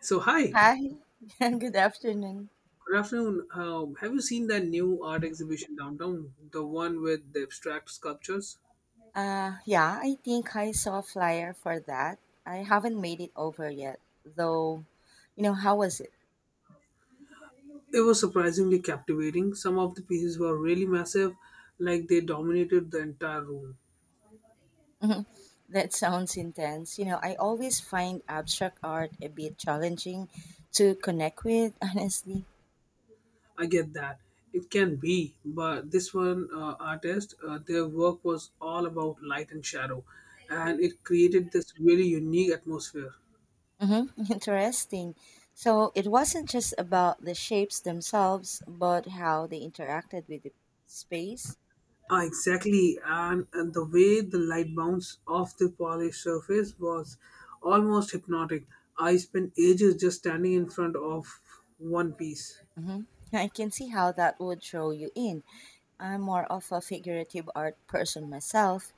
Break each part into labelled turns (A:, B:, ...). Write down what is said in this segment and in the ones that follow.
A: So hi,
B: Hi, good afternoon.
A: good afternoon. Have you seen that new art exhibition downtown? The one with the abstract sculptures?
B: Yeah, I think I saw a flyer for that. I haven't made it over yet, though. How was it?
A: It was surprisingly captivating. Some of the pieces were really massive, like they dominated the entire room.
B: That sounds intense. You know, I always find abstract art a bit challenging to connect with, honestly.
A: I get that. It can be, but this one artist, their work was all about light and shadow, and it created this really unique atmosphere.
B: Interesting. So it wasn't just about the shapes themselves, but how they interacted with the space
A: Ah, exactly, and the way the light bounced off the polished surface was almost hypnotic. I spent ages just standing in front of one piece.
B: hmm I can see how that would draw you in. I'm more of a figurative art person myself.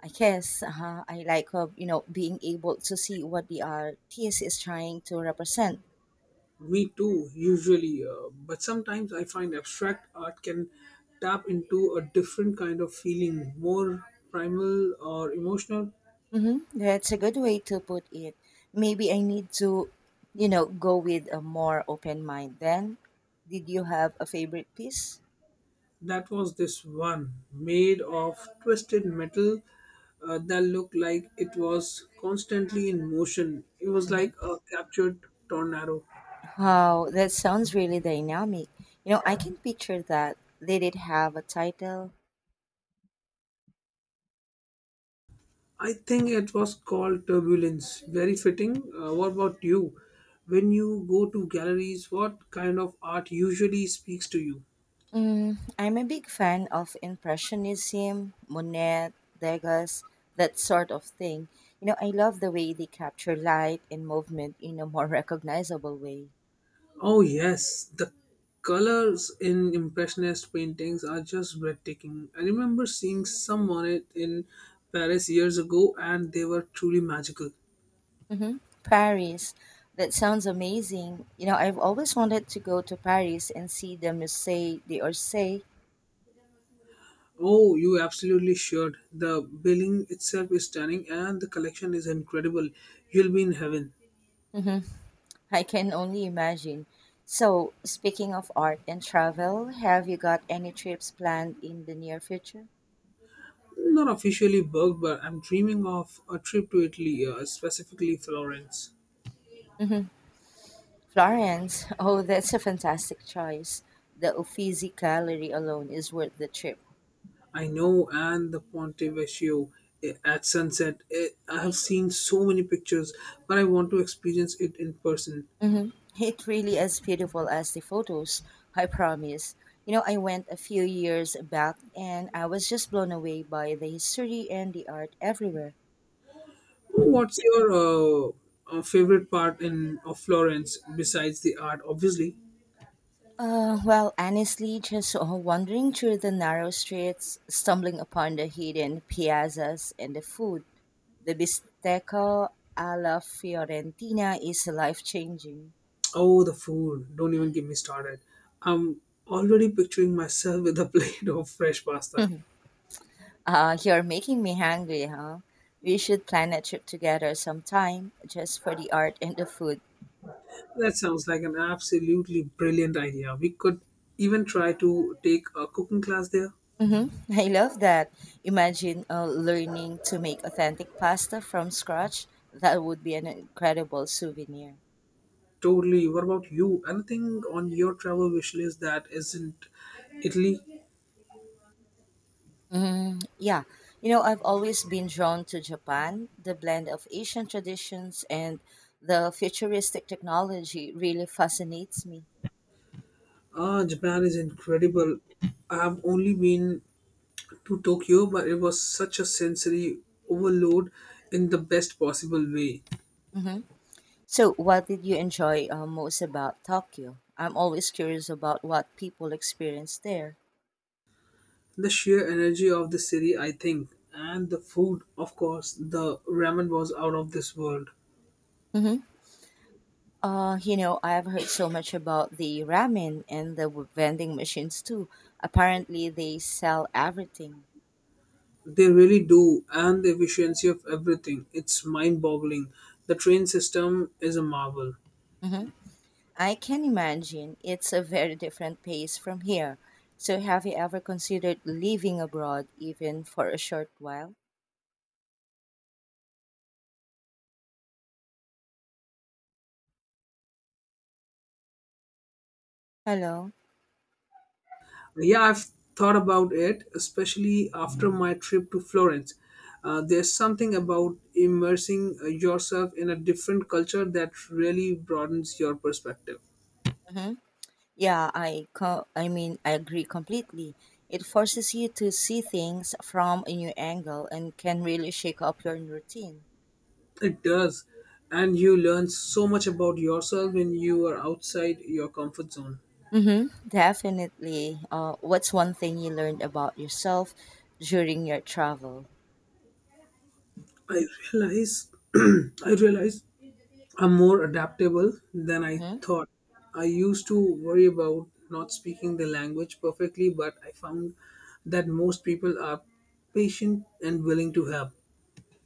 B: I guess I like, you know, being able to see what the artist is trying to represent.
A: Me too, usually, but sometimes I find abstract art can tap into a different kind of feeling, more primal or emotional.
B: That's a good way to put it. Maybe I need to, you know, go with a more open mind then. Did you have a favorite piece?
A: That was this one made of twisted metal that looked like it was constantly in motion. It was like
B: hmm
A: a captured tornado.
B: Wow, that sounds really dynamic. You know, I can picture that. Did it have a title?
A: I think it was called turbulence. Very fitting. What about you? When you go to galleries, what kind of art usually speaks to you?
B: Mm, I'm a big fan of Impressionism, Monet, Degas, that sort of thing. You know, I love the way they capture light and movement in a more recognizable way.
A: Oh, yes, the colors in Impressionist paintings are just breathtaking. I remember seeing some on it in Paris years ago, and they were truly magical.
B: Paris, that sounds amazing. You know, I've always wanted to go to Paris and see the Musée d'Orsay.
A: Oh, you absolutely should. The building itself is stunning, and the collection is incredible. You'll be in heaven.
B: hmm I can only imagine. So, speaking of art and travel, have you got any trips planned in the near future?
A: Not officially booked, but I'm dreaming of a trip to Italy, specifically Florence.
B: Hmm. Florence! Oh, that's a fantastic choice. The Uffizi Gallery alone is worth the trip.
A: I know, and the Ponte Vecchio at sunset. I have seen so many pictures, but I want to experience it in person.
B: hmm It really is beautiful as the photos, I promise. You know, I went a few years back and I was just blown away by the history and the art everywhere.
A: What's your favorite part in of Florence besides the art? Obviously,
B: Well, honestly, just wandering through the narrow streets, stumbling upon the hidden piazzas and the food. The bistecco alla Fiorentina is life changing.
A: oh, the food! Don't even get me started. I'm already picturing myself with a plate of fresh pasta.
B: You're making me hungry, huh? We should plan a trip together sometime, just for the art and the food.
A: That sounds like an absolutely brilliant idea. We could even try to take a cooking class there.
B: Mm-hmm. I love that. Imagine learning to make authentic pasta from scratch. That would be an incredible souvenir.
A: Totally. What about you? Anything on your travel wish list that isn't Italy?
B: Mm, yeah. You know, I've always been drawn to Japan. The blend of Asian traditions and the futuristic technology really fascinates me.
A: Ah, Japan is incredible. I've only been to Tokyo, but it was such a sensory overload in the best possible way.
B: Mhm. So, what did you enjoy most about Tokyo? I'm always curious about what people experience there.
A: The sheer energy of the city, I think, and the food, of course, the ramen was out of this world.
B: hmm you know, I've heard so much about the ramen and the vending machines too. Apparently, they sell everything.
A: They really do, and the efficiency of everything. It's mind boggling. The train system is a marvel.
B: hmm I can imagine it's a very different pace from here. So, have you ever considered living abroad even for a short while? Hello?
A: Yeah, I've thought about it, especially after my trip to Florence. There's something about immersing yourself in a different culture that really broadens your perspective.
B: hmm Yeah, I mean, I agree completely. It forces you to see things from a new angle and can really shake up your routine.
A: It does. And you learn so much about yourself when you are outside your comfort zone.
B: Mm-hmm, definitely. What's one thing you learned about yourself during your travel?
A: I realize I realize I'm more adaptable than I
B: Mm-hmm.
A: thought. I used to worry about not speaking the language perfectly, but I found that most people are patient and willing to help.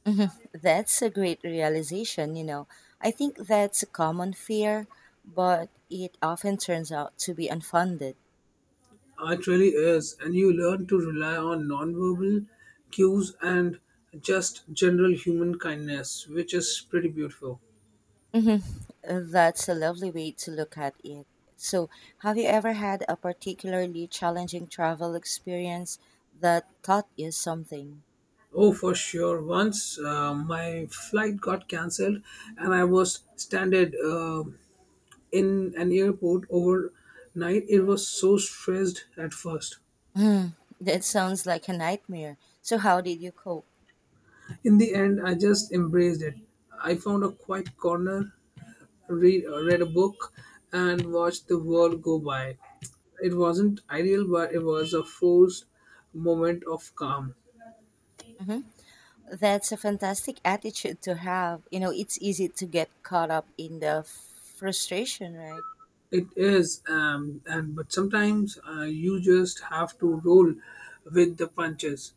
B: Mm-hmm. That's a great realization, you know. I think that's a common fear, but it often turns out to be unfounded.
A: It really is, and you learn to rely on nonverbal cues and just general human kindness, which is pretty beautiful.
B: hmm That's a lovely way to look at it. So, have you ever had a particularly challenging travel experience that taught you something?
A: Oh, for sure. Once my flight got cancelled, and I was stranded. In an airport overnight. It was so stressed at first.
B: Hmm, that sounds like a nightmare. So, how did you cope?
A: In the end, I just embraced it. I found a quiet corner, read a book, and watched the world go by. It wasn't ideal, but it was a forced moment of calm.
B: hmm That's a fantastic attitude to have. You know, it's easy to get caught up in the frustration, right?
A: It is, and but sometimes you just have to roll with the punches.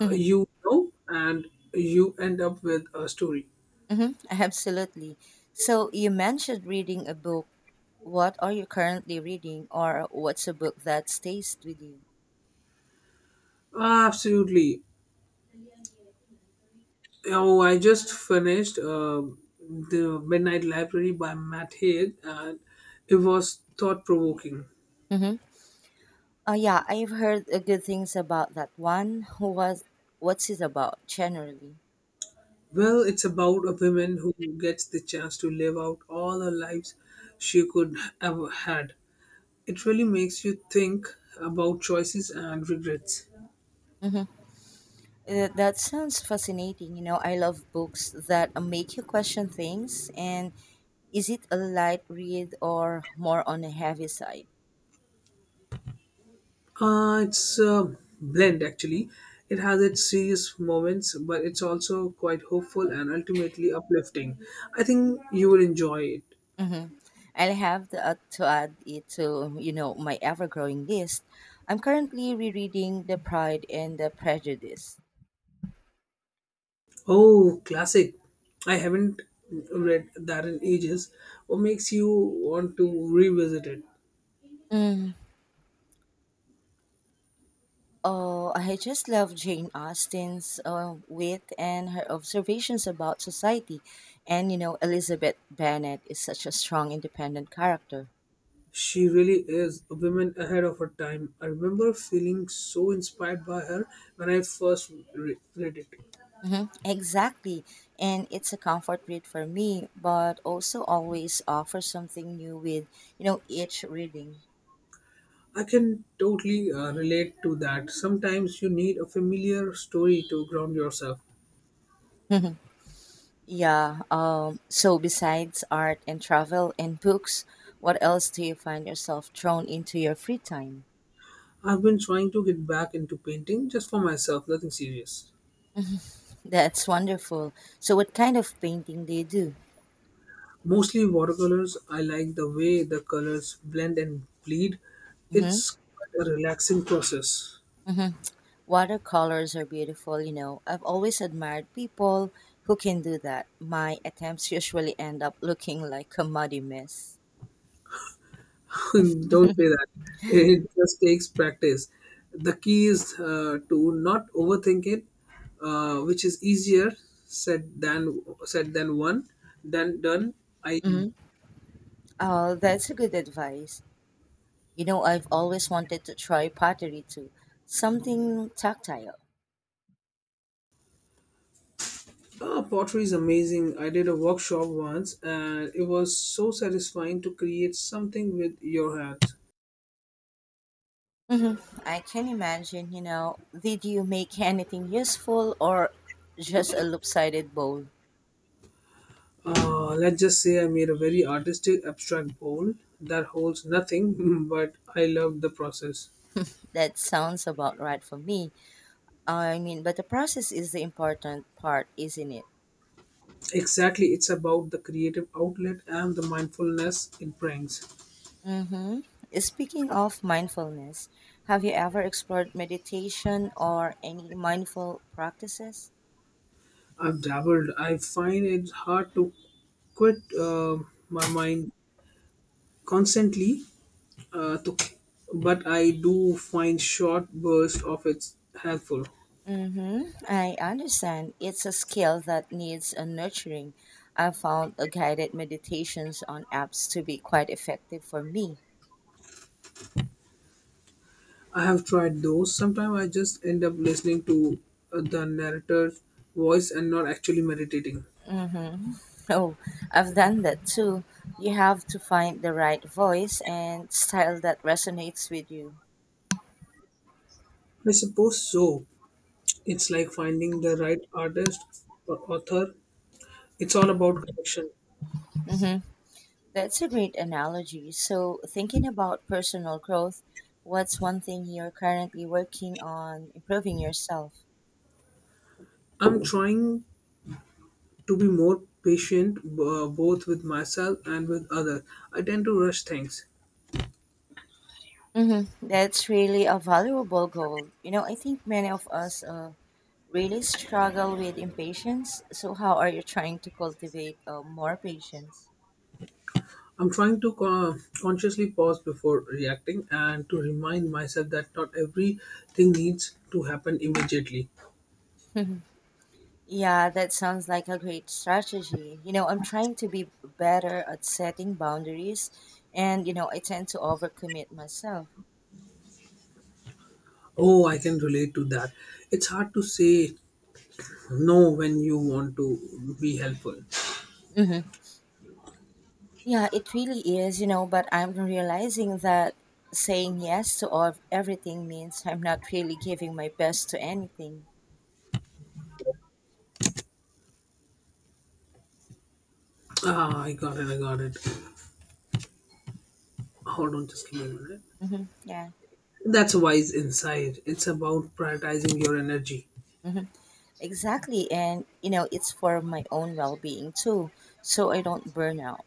B: hmm
A: And you end up with a story.
B: hmm Absolutely. So, you mentioned reading a book. What are you currently reading, or what's a book that stays with you?
A: Absolutely. Oh, I just finished The Midnight Library by Matt Haig, and it was thought provoking.
B: Mhm. Oh yeah, I've heard good things about that one. was What's it about generally?
A: Well, it's about a woman who gets the chance to live out all her lives she could have had. It really makes you think about choices and regrets.
B: hmm that sounds fascinating. You know, I love books that make you question things. And is it a light read or more on the heavy side?
A: It's a blend actually. It has its serious moments, but it's also quite hopeful and ultimately uplifting. I think you will enjoy it.
B: hmm I'll have to add it to you know, my ever-growing list. I'm currently rereading *The Pride and the Prejudice*.
A: Oh, classic. I haven't read that in ages. What makes you want to revisit it?
B: Mm-hmm. Oh, I just love Jane Austen's wit and her observations about society. And you know, Elizabeth Bennet is such a strong, independent character.
A: She really is a woman ahead of her time. I remember feeling so inspired by her when I first read it.
B: Exactly. And it's a comfort read for me, but also always offers something new with, you know, each reading.
A: I can totally relate to that. Sometimes you need a familiar story to ground yourself.
B: Yeah. So, besides art and travel and books, what else do you find yourself drawn into your free time?
A: I've been trying to get back into painting just for myself, nothing serious.
B: That's wonderful. So, what kind of painting do you do?
A: Mostly watercolors. I like the way the colors blend and bleed.
B: Mm-hmm.
A: It's quite a relaxing process.
B: Mm-hmm. Watercolors are beautiful, you know. I've always admired people who can do that. My attempts usually end up looking like a muddy mess.
A: Don't say that. It just takes practice. The key is to not overthink it, which is easier said than one than done. I
B: Mm-hmm. Oh, that's a good advice. You know, I've always wanted to try pottery too, something tactile.
A: Pottery is amazing. I did a workshop once, and it was so satisfying to create something with your hands.
B: Mm-hmm. I can imagine, you know. Did you make anything useful or just a lopsided bowl?
A: Let's just say I made a very artistic abstract bowl that holds nothing, but I loved the process.
B: That sounds about right for me. I mean, but the process is the important part, isn't it?
A: Exactly, it's about the creative outlet and the mindfulness it brings.
B: Mm-hmm. Speaking of mindfulness, have you ever explored meditation or any mindful practices?
A: I've dabbled. I find it hard to quit my mind constantly, uh, to, but I do find short bursts of it helpful.
B: Mm-hmm. I understand. It's a skill that needs a nurturing. I found a guided meditations on apps to be quite effective for me.
A: I have tried those. Sometimes I just end up listening to the narrator's voice and not actually meditating.
B: Mm-hmm. Oh, I've done that too. You have to find the right voice and style that resonates with you.
A: I suppose so. It's like finding the right artist or author. It's all about connection.
B: Mhm. That's a great analogy. So, thinking about personal growth, what's one thing you're currently working on improving yourself?
A: I'm trying to be more patient both with myself and with others. I tend to rush things.
B: That's really a valuable goal. You know, I think many of us really struggle with impatience. So, how are you trying to cultivate more patience?
A: I'm trying to consciously pause before reacting and to remind myself that not everything needs to happen immediately.
B: Yeah, that sounds like a great strategy. You know, I'm trying to be better at setting boundaries, and, you know, I tend to overcommit myself.
A: Oh, I can relate to that. It's hard to say no when you want to be helpful.
B: Mhm. Yeah, it really is, you know, but I'm realizing that saying yes to all, everything means I'm not really giving my best to anything.
A: Ah, I got it. Hold on, just give me a minute.
B: hmm Yeah.
A: That's wise insight. It's about prioritizing your energy.
B: hmm Exactly. And, you know, it's for my own well being too, so I don't burn out.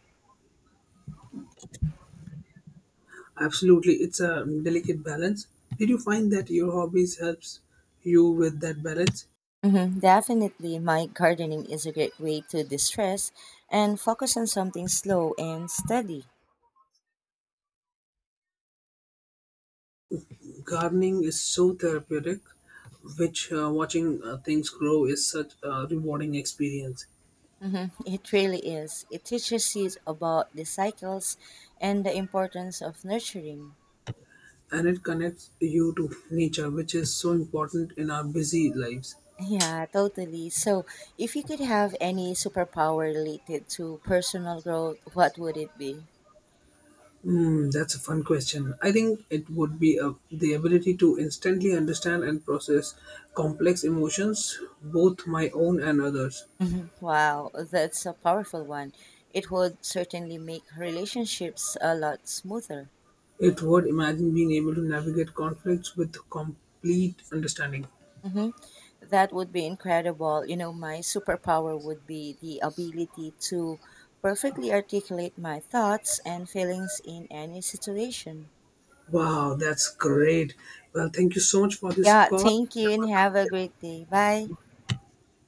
A: Absolutely, it's a delicate balance. Did you find that your hobbies helps you with that balance?
B: Definitely, my gardening is a great way to distress and focus on something slow and steady.
A: Gardening is so therapeutic, which watching things grow is such a rewarding experience,
B: It really is. It teaches you about the cycles and the importance of nurturing.
A: and it connects you to nature, which is so important in our busy lives.
B: Yeah, totally. So, if you could have any superpower related to personal growth, what would it be?
A: Hmm, that's a fun question. I think it would be the ability to instantly understand and process complex emotions, both my own and others.
B: Mhm. Wow, that's a powerful one. It would certainly make relationships a lot smoother.
A: It would imagine being able to navigate conflicts with complete understanding.
B: hmm That would be incredible. You know, my superpower would be the ability to perfectly articulate my thoughts and feelings in any situation.
A: Wow, that's great. Well, thank you so much for this
B: Yeah,
A: call.
B: thank you and have a great day. Bye.